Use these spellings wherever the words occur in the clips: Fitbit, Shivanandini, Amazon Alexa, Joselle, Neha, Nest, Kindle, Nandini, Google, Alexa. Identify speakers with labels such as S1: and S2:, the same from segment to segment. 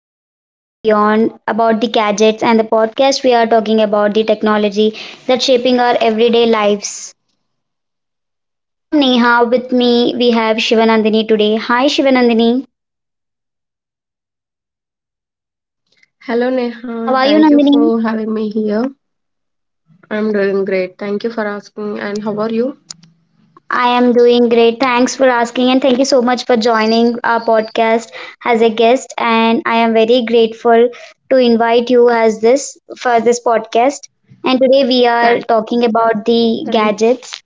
S1: podcast and beyond about the gadgets. And the podcast, we are talking about the technology that's shaping our everyday lives. I am Neha. With me we have Shivanandini today. Hi Shivanandini.
S2: Hello
S1: How
S2: Neha,
S1: are you
S2: thank you
S1: Nandini?
S2: for having me here. I'm doing great. Thank you for asking. And how are you?
S1: I am doing great. Thanks for asking, and thank you so much for joining our podcast as a guest. And I am very grateful to invite you as this for this podcast. And today we are
S2: Thanks.
S1: talking about the
S2: Thanks.
S1: gadgets,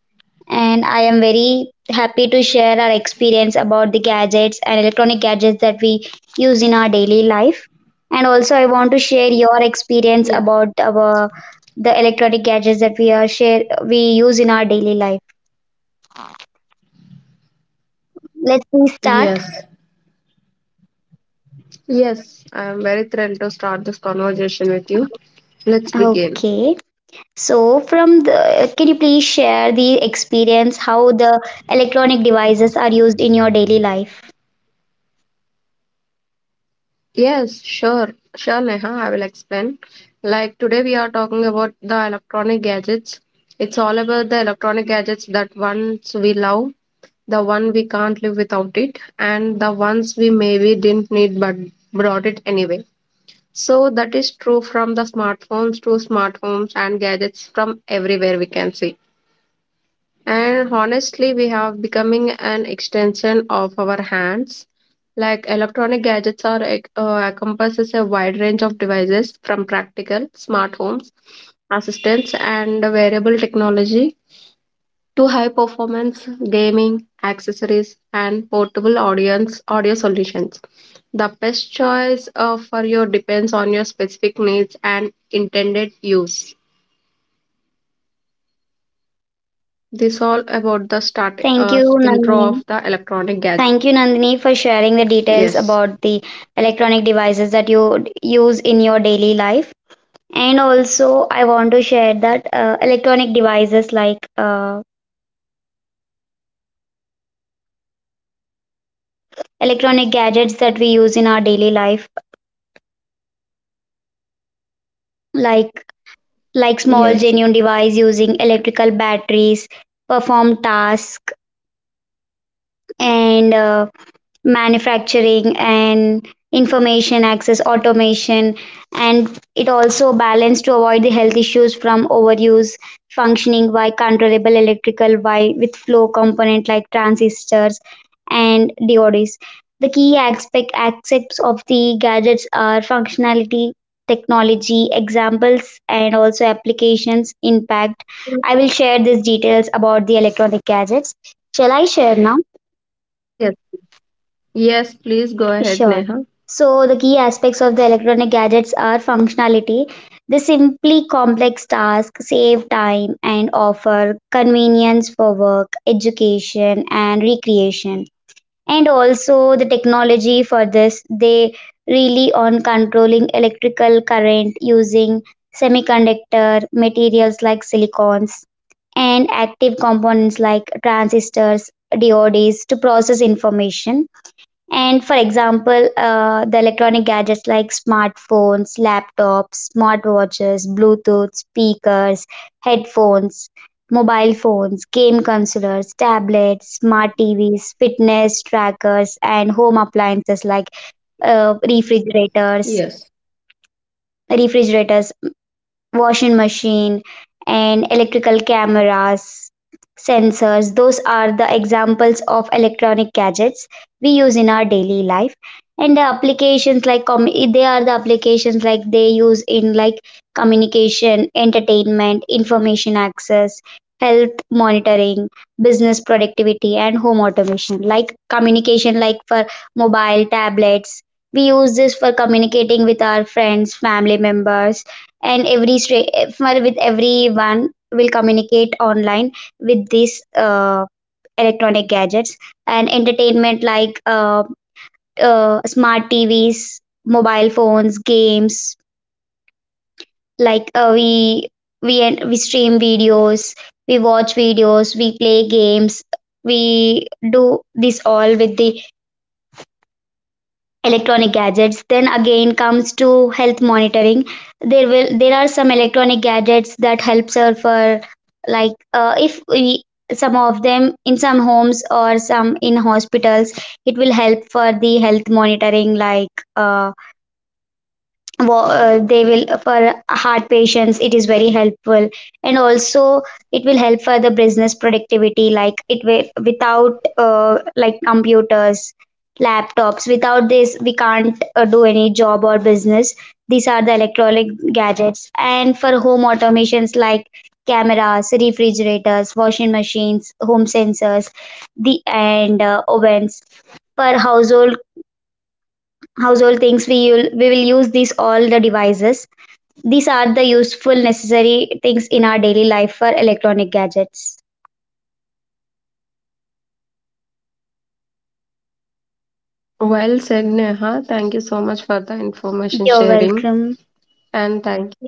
S1: and I am very happy to share our experience about the gadgets and electronic gadgets that we use in our daily life. And also, I want to share your experience
S2: Yeah.
S1: about our the electronic gadgets that we are share we use in our daily life. Let me start.
S2: Yes. Yes, I'm very thrilled to start this conversation with you. Let's begin.
S1: Okay. So, from the, can you please share the experience how the electronic devices are used in your daily life?
S2: Yes, sure. Sure, Neha, I will explain. Like today we are talking about the electronic gadgets. It's all about the electronic gadgets that once we love, the one we can't live without it, and the ones we maybe didn't need but brought it anyway. So that is true, from the smartphones to smart homes and gadgets, from everywhere we can see. And honestly, we have becoming an extension of our hands. Like electronic gadgets are encompasses a wide range of devices from practical smart homes, assistants, and wearable technology to high performance gaming accessories and portable audience audio solutions. The best choice for your depends on your specific needs and intended use. This all about the starting
S1: Thank you,
S2: intro
S1: Nandini.
S2: of the electronic gadget.
S1: Thank you, Nandini, for sharing the details
S2: Yes.
S1: about the electronic devices that you use in your daily life. And also, I want to share that electronic devices like electronic gadgets that we use in our daily life, like like small
S2: Yes.
S1: genuine device using electrical batteries perform tasks, and manufacturing and information access automation. And it also balanced to avoid the health issues from overuse, functioning by controllable electrical by with flow component like transistors and diodes. The key aspects of the gadgets are functionality, technology, examples, and also applications impact. I will share these details about the electronic gadgets. Shall I share now?
S2: Yes. Yes. Please go ahead,
S1: Sure.
S2: Neha.
S1: So the key aspects of the electronic gadgets are functionality. They simply complex tasks, save time, and offer convenience for work, education, and recreation. And also the technology for this, they rely on controlling electrical current using semiconductor materials like silicons, and active components like transistors, diodes to process information. And for example, the electronic gadgets like smartphones, laptops, smartwatches, Bluetooth speakers, headphones, mobile phones, game consoles, tablets, smart TVs, fitness trackers, and home appliances like refrigerators,
S2: Yes.
S1: refrigerators washing machine, and electrical cameras, sensors. Those are the examples of electronic gadgets we use in our daily life. And the applications like they are the applications like they use in like communication, entertainment, information access, health monitoring, business productivity, and home automation. Like communication, like for mobile, tablets, we use this for communicating with our friends, family members, and every stra- if- with everyone will communicate online with these electronic gadgets. And entertainment like smart TVs, mobile phones, games. Like we stream videos, we watch videos, we play games, we do this all with the electronic gadgets. Then again comes to health monitoring. There are some electronic gadgets that helps her for like if we some of them in some homes or some in hospitals, it will help for the health monitoring like they will for heart patients, it is very helpful. And also, it will help for the business productivity, like it will, without like computers, laptops, without this we can't do any job or business. These are the electronic gadgets. And for home automations like cameras, refrigerators, washing machines, home sensors, the and ovens, for household things, we will use these all the devices. These are the useful, necessary things in our daily life for electronic gadgets.
S2: Well said, Neha. Thank you so much for the information
S1: You're
S2: sharing.
S1: welcome.
S2: And thank you.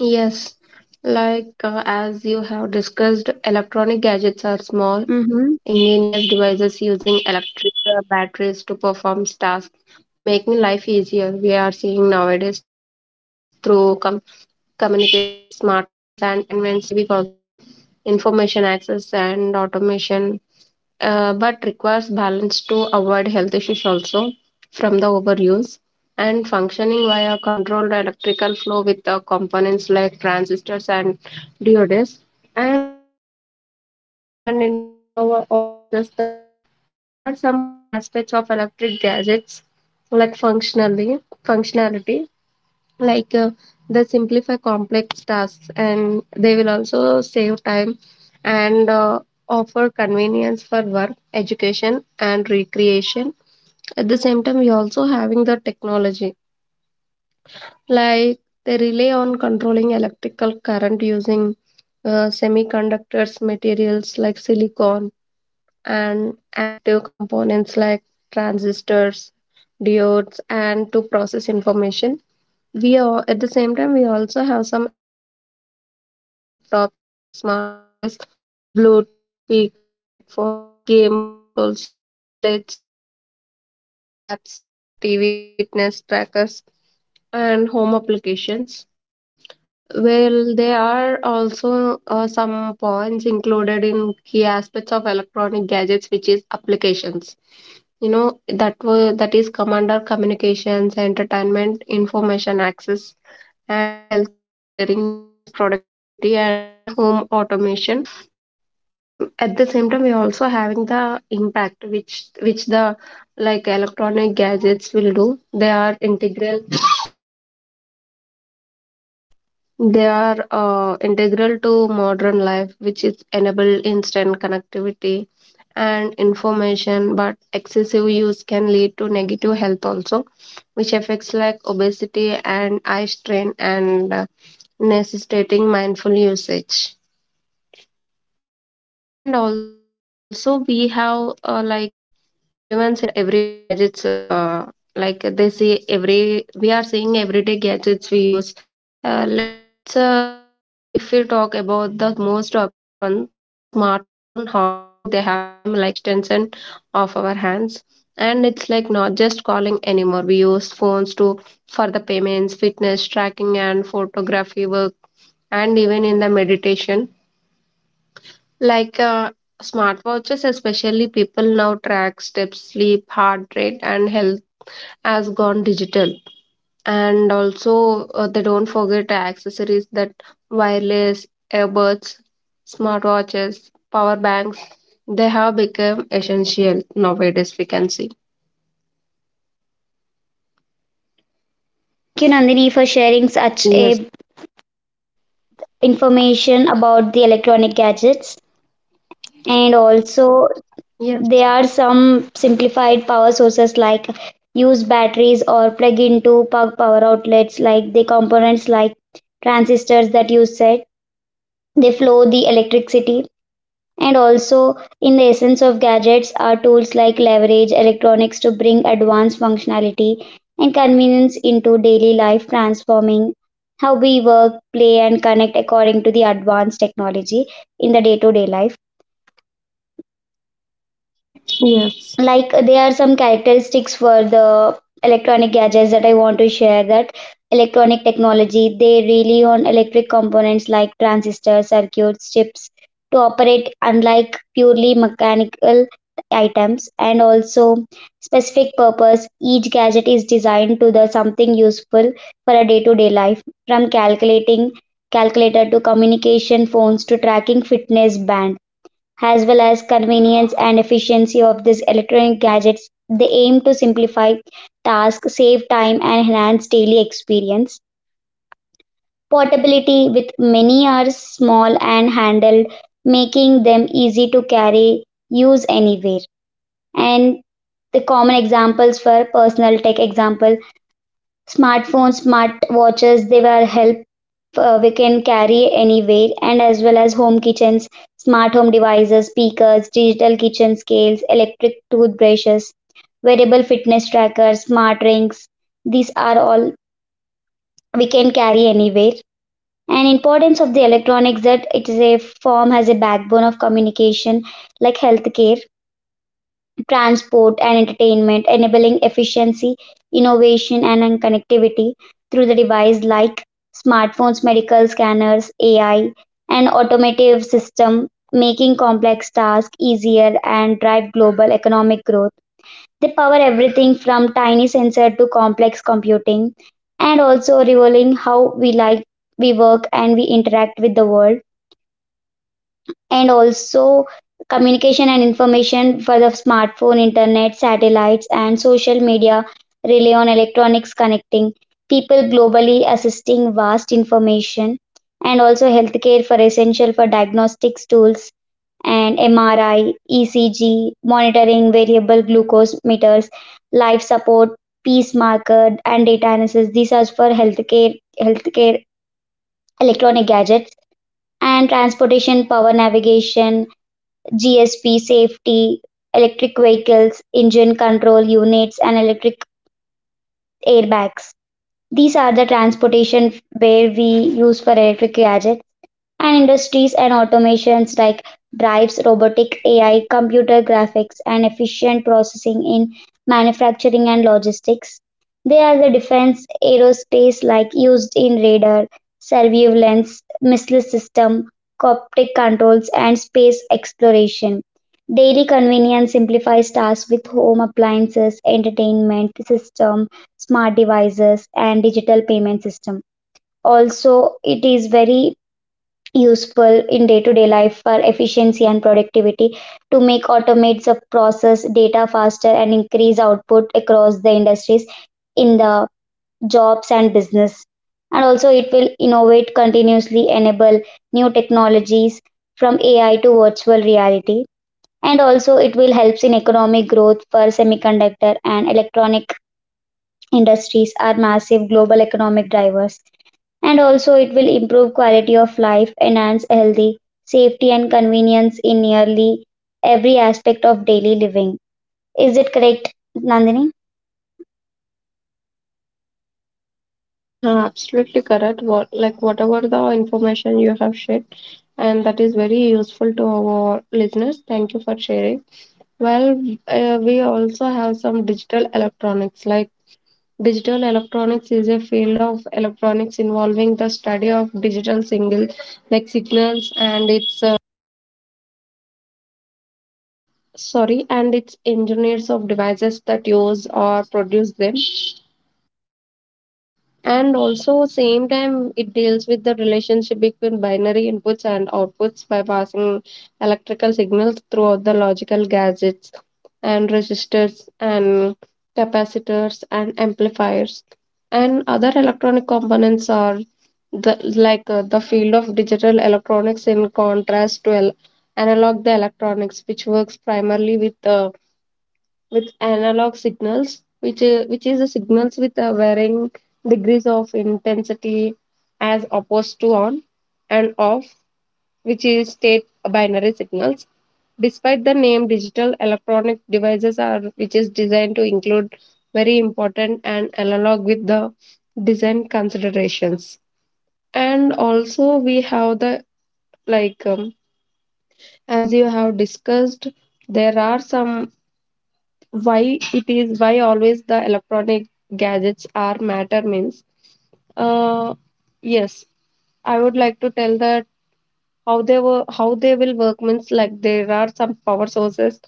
S2: Yes, as you have discussed, electronic gadgets are small
S1: Hmm.
S2: ingenious devices using electric batteries to perform tasks, making life easier. We are seeing nowadays through communications, smartphones, and entertainments, TV consoles, information access, and automation, but requires balance to avoid health issues also from the overuse, and functioning via controlled electrical flow with the components like transistors and diodes. And I would like to take a moment and inform to our audiences that there are some key aspects of electric gadgets like functionally functionality. like uh, they simplify complex tasks, and they will also save time, and offer convenience for work, education, and recreation. At the same time, we also having the technology. Like, they rely on controlling electrical current using semiconductors materials like silicon and active components like transistors, diodes, and to process information. We are at the same time we also have some examples like smartphones, laptops, and smartwatches, bluetooth speakers, headphones, game consoles, tablets, like we called it a tabs, smart TVs, fitness trackers, and home applications. Well, there are also some points included in key aspects of electronic gadgets, which is applications, that were that is come under communications, entertainment, information access, and health monitoring, business productivity, and home automation. At the same time, we're also having the impact, which the like electronic gadgets will do. They are integral. They are integral to modern life, which is enable instant connectivity and information. But excessive use can lead to negative health also, which affects like obesity and eye strain, and necessitating mindful usage. And also, we have everyone says that everyday gadgets, like they see every, we are seeing everyday gadgets we use. Let's, if we talk about the most obvious one, smartphone, honestly, they have become like an extension of our hands. And it's like not just calling anymore. We use phones to for the payments, fitness tracking, and photography work, and even in the meditation. like uh, Smartwatches, especially, people now track steps, sleep, heart rate, and health has gone digital. And also, they don't forget accessories that wireless earbuds, smartwatches, power banks. They have become essential nowadays. We can see.
S1: Thank you, Nandini, for sharing such a information about the electronic gadgets. And also,
S2: Yes.
S1: there are some simplified power sources like use batteries or plug into plug power outlets, like the components like transistors that you said. They flow the electricity. And also, in the essence of gadgets are tools like leverage electronics to bring advanced functionality and convenience into daily life, transforming how we work, play, and connect according to the advanced technology in the day to day life.
S2: Yes.
S1: Like there are some characteristics for the electronic gadgets that I want to share, that electronic technology, they rely on electric components like transistors, circuits, chips to operate, unlike purely mechanical items. And also specific purpose, each gadget is designed to the something useful for a day to day life, from calculating calculator to communication phones to tracking fitness band, as well as convenience and efficiency of these electronic gadgets. They aim to simplify tasks, save time, and enhance daily experience. Portability, with many are small and handled,
S2: Hmm.
S1: making them easy to carry, use anywhere. And the common examples for personal tech example, smartphones, smartwatches, they were help we can carry anywhere. And as well as home kitchens, smart home devices, speakers, digital kitchen scales, electric toothbrushes, wearable fitness trackers, smart rings. These are all we can carry anywhere. And importance of the electronics, that it is a form, has a backbone of communication like healthcare, transport, and entertainment, enabling
S2: Yes.
S1: efficiency, innovation, and connectivity through the device like smartphones, medical scanners, AI, and automotive system, making complex tasks easier and drive global economic growth. They power everything from tiny sensor to complex computing, and also revealing how we like we work and we interact with the world. And also, communication and information for the smartphone, internet, satellites, and social media rely on electronics, connecting people globally, assisting vast information. And also healthcare, for essential for diagnostics tools and MRI, ECG, monitoring variable glucose meters, life support, peace marker, and data analysis. These are for healthcare, electronic gadgets. And transportation, power navigation, GSP safety, electric vehicles, engine control units, and electric airbags. These are the transportation where we use for electric gadget. And industries and automations like drives, robotic AI, computer graphics, and efficient processing in manufacturing and logistics. They are the defense aerospace like used in radar, surveillance, missile system, coptic controls, and space exploration. Daily convenience simplifies tasks with home appliances, entertainment system, smart devices, and digital payment system. Also, it is very useful in day-to-day life for efficiency and productivity to make automates the process data faster and increase output across the industries in the jobs and business. And also it will innovate continuously, enable new technologies from AI to virtual reality. And also it will helps in economic growth, for semiconductor and electronic industries are massive global economic drivers. And also it will improve quality of life, enhance healthy, safety, and convenience in nearly every aspect of daily living. Is it correct, Nandini?
S2: Yes, Neha, absolutely correct. What like whatever the information you have shared, and that is very useful to our listeners. Thank you for sharing. Well, we also have some digital electronics. Like digital electronics is a field of electronics involving the study of digital signals, like signals, and its sorry, and its engineers of devices that use or produce them. And also same time it deals with the relationship between binary inputs and outputs by passing electrical signals throughout the logical gadgets, and resistors and capacitors and amplifiers and other electronic components are the the field of digital electronics, in contrast to analog the electronics which works primarily with analog signals, which is the signals with varying degrees of intensity, as opposed to on and off, which is state binary signals. Despite the name, digital electronic devices are which is designed to include very important and analog with the design considerations. And also we have the like um, as you have discussed, there are some why it is why always the electronic gadgets are matter means uh yes, I would like to tell that how they were how they will work means like there are some power sources,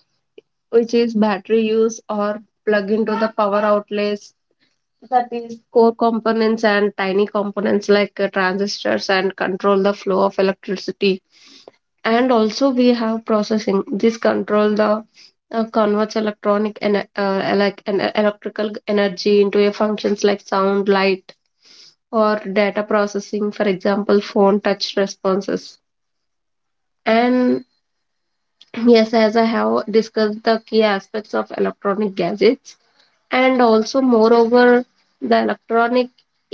S2: which is battery use or plug into the power outlets. That is core components and tiny components like transistors, and control the flow of electricity. And also we have processing, this control the converts electronic and like an electrical energy into a functions like sound, light, or data processing, for example, phone touch responses. And yes, as I have discussed the key aspects of electronic gadgets. And also, moreover, the electronic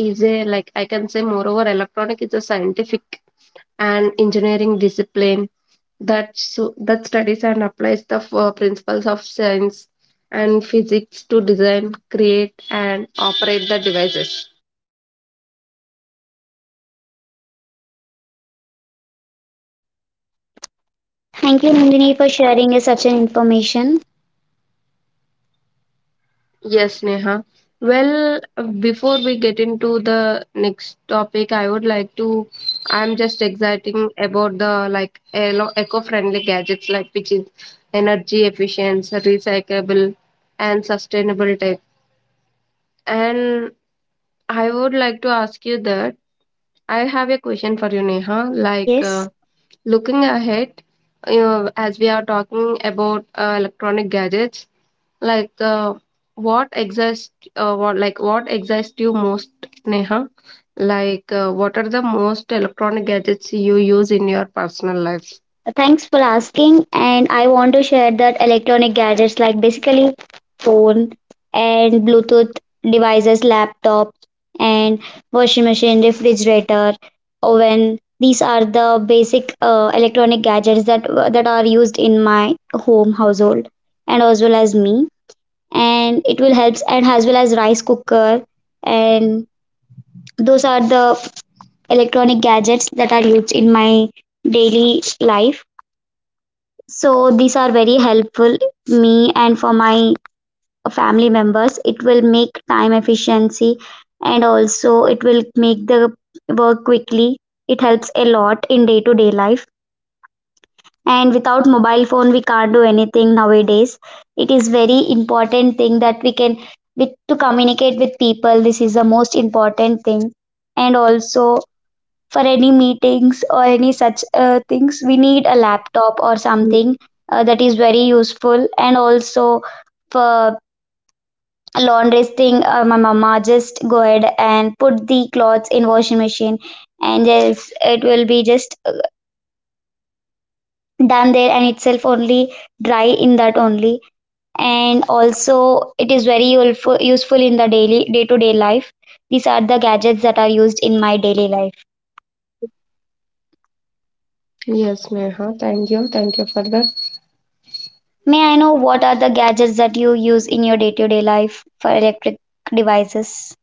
S2: is a like I can say moreover, electronic is a scientific and engineering discipline that so, that studies and applies the principles of science and physics to design, create, and operate the devices.
S1: Thank you, Nandini, for sharing us such an information.
S2: Yes, Neha. Well, before we get into the next topic, I would like to. I'm just exciting about the eco-friendly gadgets, like which is energy efficient, recyclable, and sustainable type. And I would like to ask you that I have a question for you, Neha. Like.
S1: Yes.
S2: Looking ahead, as we are talking about electronic gadgets, like uh, what excites, what excites you most, Neha? Like, what are the most electronic gadgets you use in your personal life?
S1: Thanks for asking. And I want to share that electronic gadgets like basically phone and Bluetooth devices, laptop, and washing machine, refrigerator, oven. These are the basic electronic gadgets that that are used in my home household and as well as me. And it will help, and as well as rice cooker. And those are the electronic gadgets that are used in my daily life. So these are very helpful me and for my family members. It will make time efficiency, and also it will make the work quickly. It helps a lot in day to day life. And without mobile phone, we can't do anything nowadays. It is very important thing that we can with to communicate with people. This is the most important thing. And also for any meetings or any such things, we need a laptop or
S2: Mm.
S1: something that is very useful. And also for laundry thing, my mama just go ahead and put the clothes in washing machine, and just it will be just done there and itself only, dry in that only. And also it is very useful in the daily day to day life. These are the gadgets that are used in my daily life.
S2: Yes, Neha. Thank you. Thank you for that.
S1: May I know what are the gadgets that you use in your day to day life for electric devices?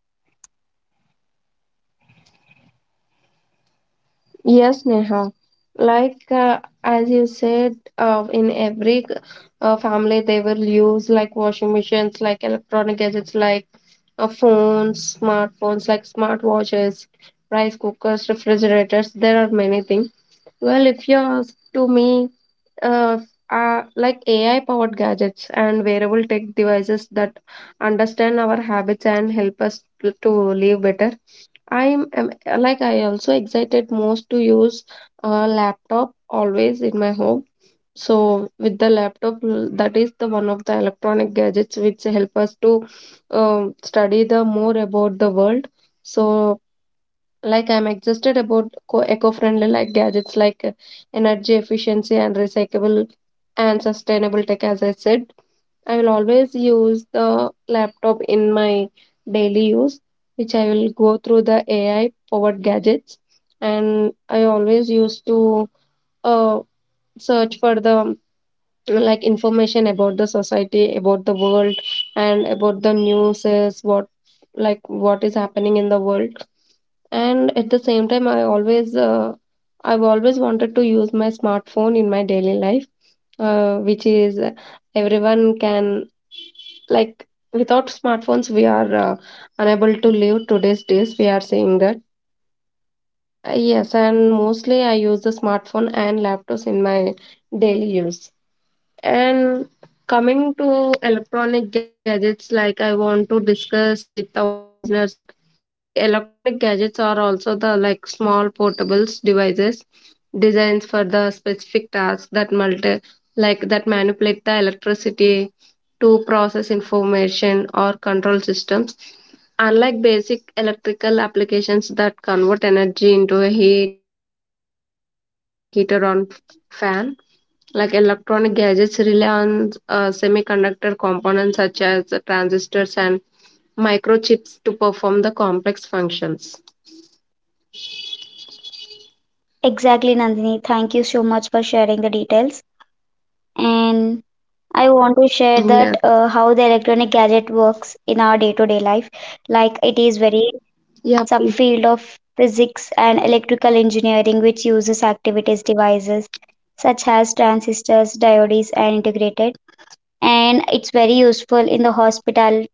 S2: Yes, Neha. As you said, in every family they will use like washing machines, like electronic gadgets, like phones, smartphones, like smartwatches, rice cookers, refrigerators. There are many things. Well, if you ask to me, uh, like AI powered gadgets and wearable tech devices that understand our habits and help us to live better. I'm, am like I also excited most to use a laptop always in my home. So with the laptop, that is the one of the electronic gadgets which help us to study the more about the world. So like I'm excited about eco-friendly like gadgets like energy efficiency and recyclable and sustainable tech, as I said. I will always use the laptop in my daily use, which I will go through the AI powered gadgets. And I always used to uh, search for the like information about the society, about the world, and about the news, is what like what is happening in the world. And at the same time, I always I've always wanted to use my smartphone in my daily life, which is everyone can like without smartphones we are unable to live today's days, we are saying that. Yes, and mostly I use the smartphone and laptops in my daily use. And coming to electronic gadgets, like I want to discuss with our listeners that like electronic gadgets are also the like small portables devices designs for the specific tasks that multi like that manipulate the electricity to process information or control systems. Unlike basic electrical applications that convert energy into a heat or motion like a heater on fan, like electronic gadgets rely on semiconductor components such as transistors and microchips to perform the complex functions.
S1: Exactly, Nandini. Thank you so much for sharing the details. And I want to share that
S2: Yeah.
S1: how the electronic gadget works in our day to day life. Like it is very
S2: Yeah.
S1: subfield of physics and electrical engineering, which uses activities devices such as transistors, diodes, and integrated. And it's very useful in the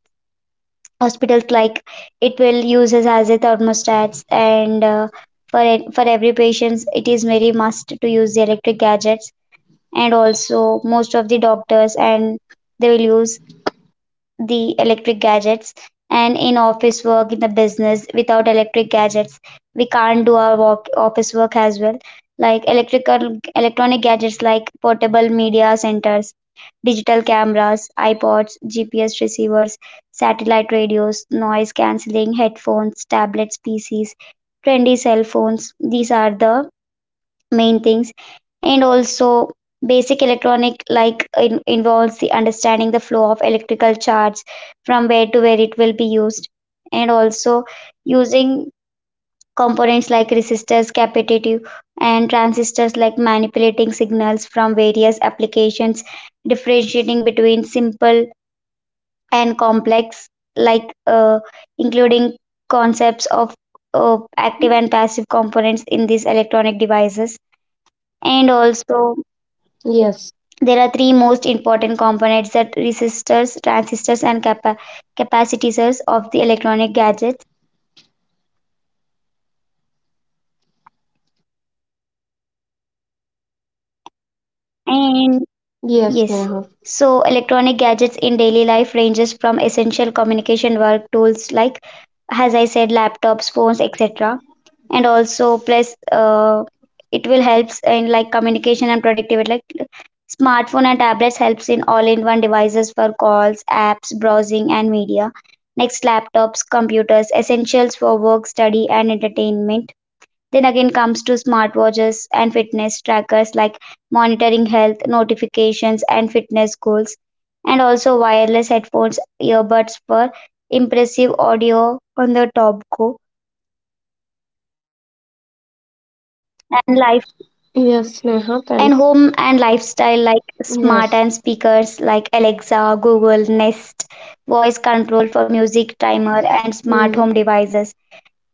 S1: hospitals, like it will uses as a thermostats, and for every patients it is very must to use the electric gadgets. And also most of the doctors, and they will use the electric gadgets. And in office work, in the business, without electric gadgets we can't do our work, office work as well. Like electrical electronic gadgets like portable media centers, digital cameras, ipods, gps receivers, satellite radios, noise cancelling headphones, tablets, pcs, trendy cell phones. These are the main things. And also basic electronic, like involves the understanding the flow of electrical charge from where to where it will be used. And also using components like resistors, capacitive, and transistors, like manipulating signals from various applications, differentiating between simple and complex, like including concepts of active and passive components in these electronic devices. And also
S2: Yes.
S1: there are three most important components, that resistors, transistors, and capacitors of the electronic gadgets. And
S2: Yes,
S1: yes,
S2: Neha.
S1: so electronic gadgets in daily life ranges from essential communication work tools like, as I said, laptops, phones, etc. And also plus it will helps in like communication and productivity, like smartphone and tablets helps in all in one devices for calls, apps, browsing, and media. Next, laptops, computers essentials for work, study, and entertainment. Then again comes to smartwatches and fitness trackers like monitoring health, notifications, and fitness goals. And also wireless headphones, earbuds for impressive audio on the top go and live.
S2: Yes, Neha. Thank.
S1: And home and lifestyle like smart
S2: Yes.
S1: and speakers like Alexa, Google, Nest, voice control for music, timer, and smart
S2: Mm.
S1: home devices,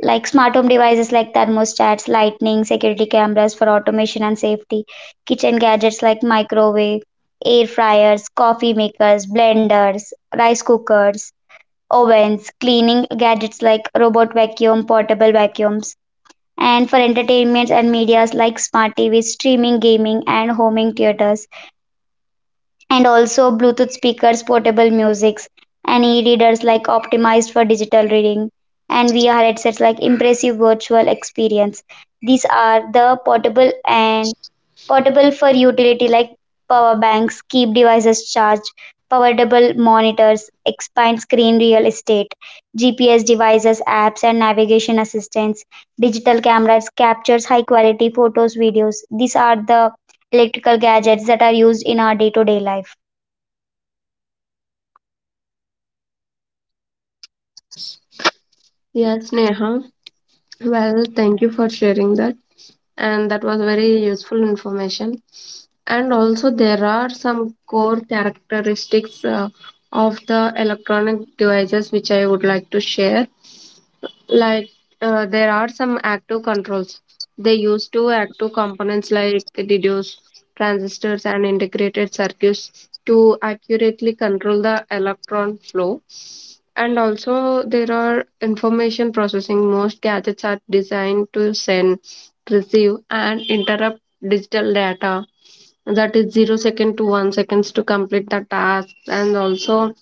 S1: like smart home devices like thermostats, lightning, security cameras for automation and safety. Kitchen gadgets like microwave, air fryers, coffee makers, blenders, rice cookers, ovens. Cleaning gadgets like robot vacuum, portable vacuums. And for entertainments and medias, like smart TV, streaming, gaming, and homing theaters. And also Bluetooth speakers, portable musics, and e-readers like optimized for digital reading, and VR headsets like impressive virtual experience. These are the portable and portable for utility, like power banks keep devices charged, powerable monitors expand screen real estate, GPS devices, apps, and navigation assistance. Digital cameras captures high quality photos, videos. These are the electrical gadgets that are used in our day to day life.
S2: Yes. Yes, Neha. Well, thank you for sharing that, and that was very useful information. And also, there are some core characteristics of the electronic devices which I would like to share. Like there are some active controls. They use two active components like diodes, transistors, and integrated circuits to accurately control the electron flow. And also there are information processing. Most gadgets are designed to send, receive, and interrupt digital data, that is 0 second to 1 seconds to complete the task. And also,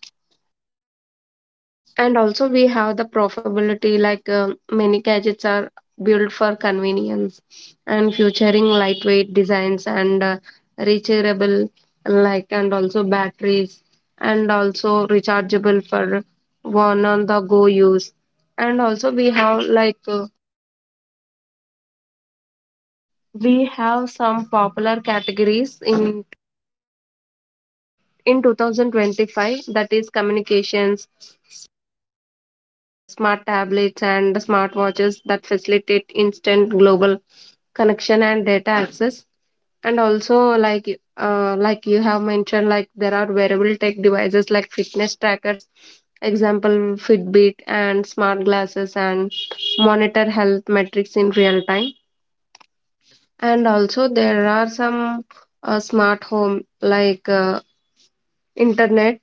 S2: and also, we have the profitability like many gadgets are built for convenience and featuring lightweight designs and rechargeable, like, and also batteries and also rechargeable for one on the go use. And also, we have we have some popular categories in 2025, that is communications, smart tablets and smartwatches that facilitate instant global connection and data access. And also, like like you have mentioned, like there are wearable tech devices like fitness trackers, example, fitbit and smart glasses, and monitor health metrics in real time. And also there are some smart home like internet,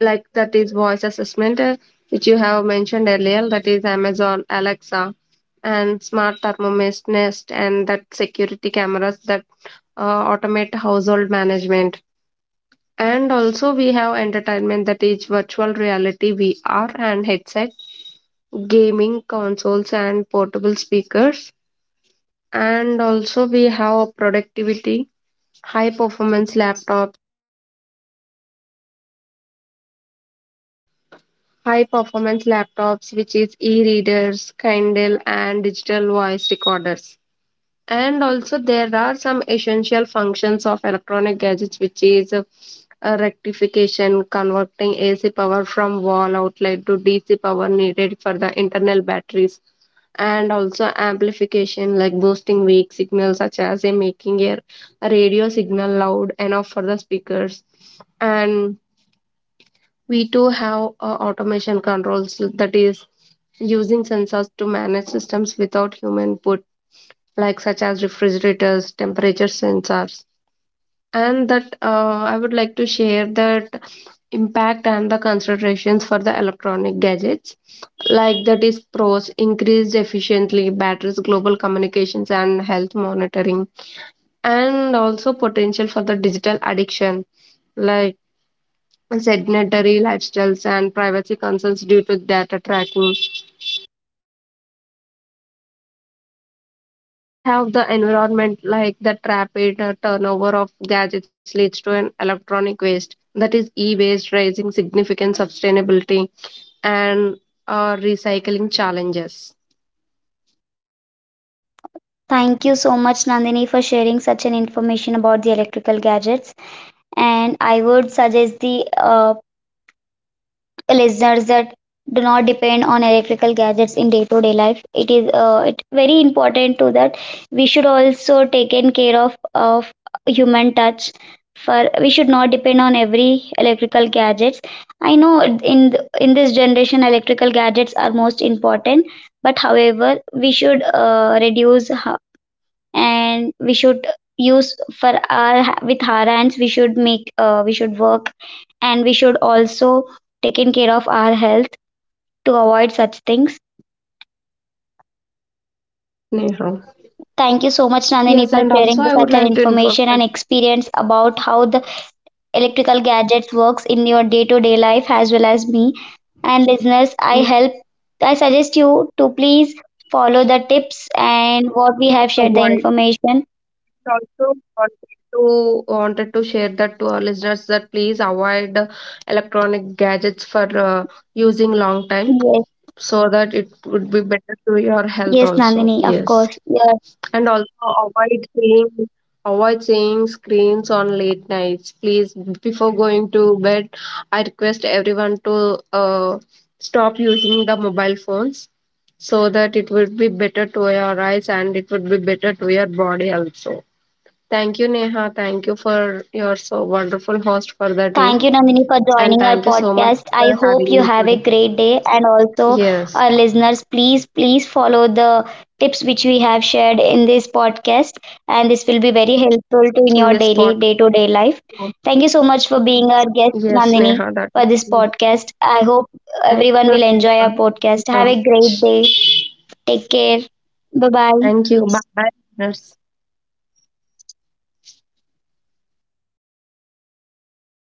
S2: like that is voice assessment, which you have mentioned earlier, that is amazon alexa and smart thermomist nest, and that security cameras that automate household management. And also we have entertainment, that is virtual reality VR and headset, gaming consoles and portable speakers. And also we have productivity, high performance laptops high performance laptops, which is e readers, Kindle, and digital voice recorders. And also, there are some essential functions of electronic gadgets, which is a rectification, converting AC power from wall outlet to DC power needed for the internal batteries, and also amplification, like boosting weak signals, such as a making a radio signal loud enough for the speakers, and we too have automation controls, that is using sensors to manage systems without human input, like such as refrigerators, temperature sensors. And that I would like to share that impact and the considerations for the electronic gadgets, like that is pros, increased efficiently batteries, global communications, and health monitoring, and also potential for the digital addiction like, and sedentary lifestyles, and privacy concerns due to data tracking. And also, we have the environment, like the rapid turnover of gadgets leads to an electronic waste, that is e waste, raising significant sustainability and recycling challenges.
S1: Thank you so much, Nandini, for sharing such an information about the electrical gadgets. And I would suggest the listeners that do not depend on electrical gadgets in day to day life. It is it very important to that we should also taken care of human touch, for we should not depend on every electrical gadgets. I know in this generation electrical gadgets are most important, but however we should reduce and we should use for our with our hands we should make we should work, and we should also taking care of our health to avoid such things.
S2: Yes, Neha.
S1: Thank you so much Nandini
S2: Yes,
S1: for
S2: and
S1: sharing
S2: also
S1: the,
S2: I would
S1: such an
S2: like to inform
S1: information and experience about how the electrical gadgets works in your day to day life as well as me. And listeners, I suggest you to please follow the tips and what we have shared the
S2: that
S1: information.
S2: also wanted to wanted to share that to our listeners that please avoid electronic gadgets for using long time,
S1: Yes.
S2: so that it would be better to your health
S1: Yes
S2: also.
S1: Nandini, of course.
S2: Yes,
S1: Your
S2: and also avoid seeing screens on late nights, please. Before going to bed, I request everyone to uh, stop using the mobile phones, so that it would be better to your eyes and it would be better to your body also. Thank you, Neha. Thank you for your so wonderful host for the
S1: Thank
S2: day.
S1: you, Nandini, for
S2: And
S1: joining our
S2: thank you so much
S1: podcast. I
S2: for
S1: hope
S2: having
S1: you
S2: me
S1: have a
S2: today.
S1: great day. And also,
S2: Yes,
S1: our listeners, please, please follow the tips which we have shared in this podcast. And this will be very helpful to in
S2: in
S1: your
S2: this
S1: daily,
S2: podcast.
S1: day to day life. Thank you so much for being our guest,
S2: Yes,
S1: Nandini,
S2: Neha, that is
S1: for this
S2: true.
S1: podcast. I hope
S2: Thank
S1: everyone
S2: you,
S1: will
S2: Neha.
S1: enjoy our
S2: Thank you
S1: podcast.
S2: so
S1: Have a
S2: much.
S1: great day. Take care. Bye bye.
S2: Thank you. Bye bye. Listeners.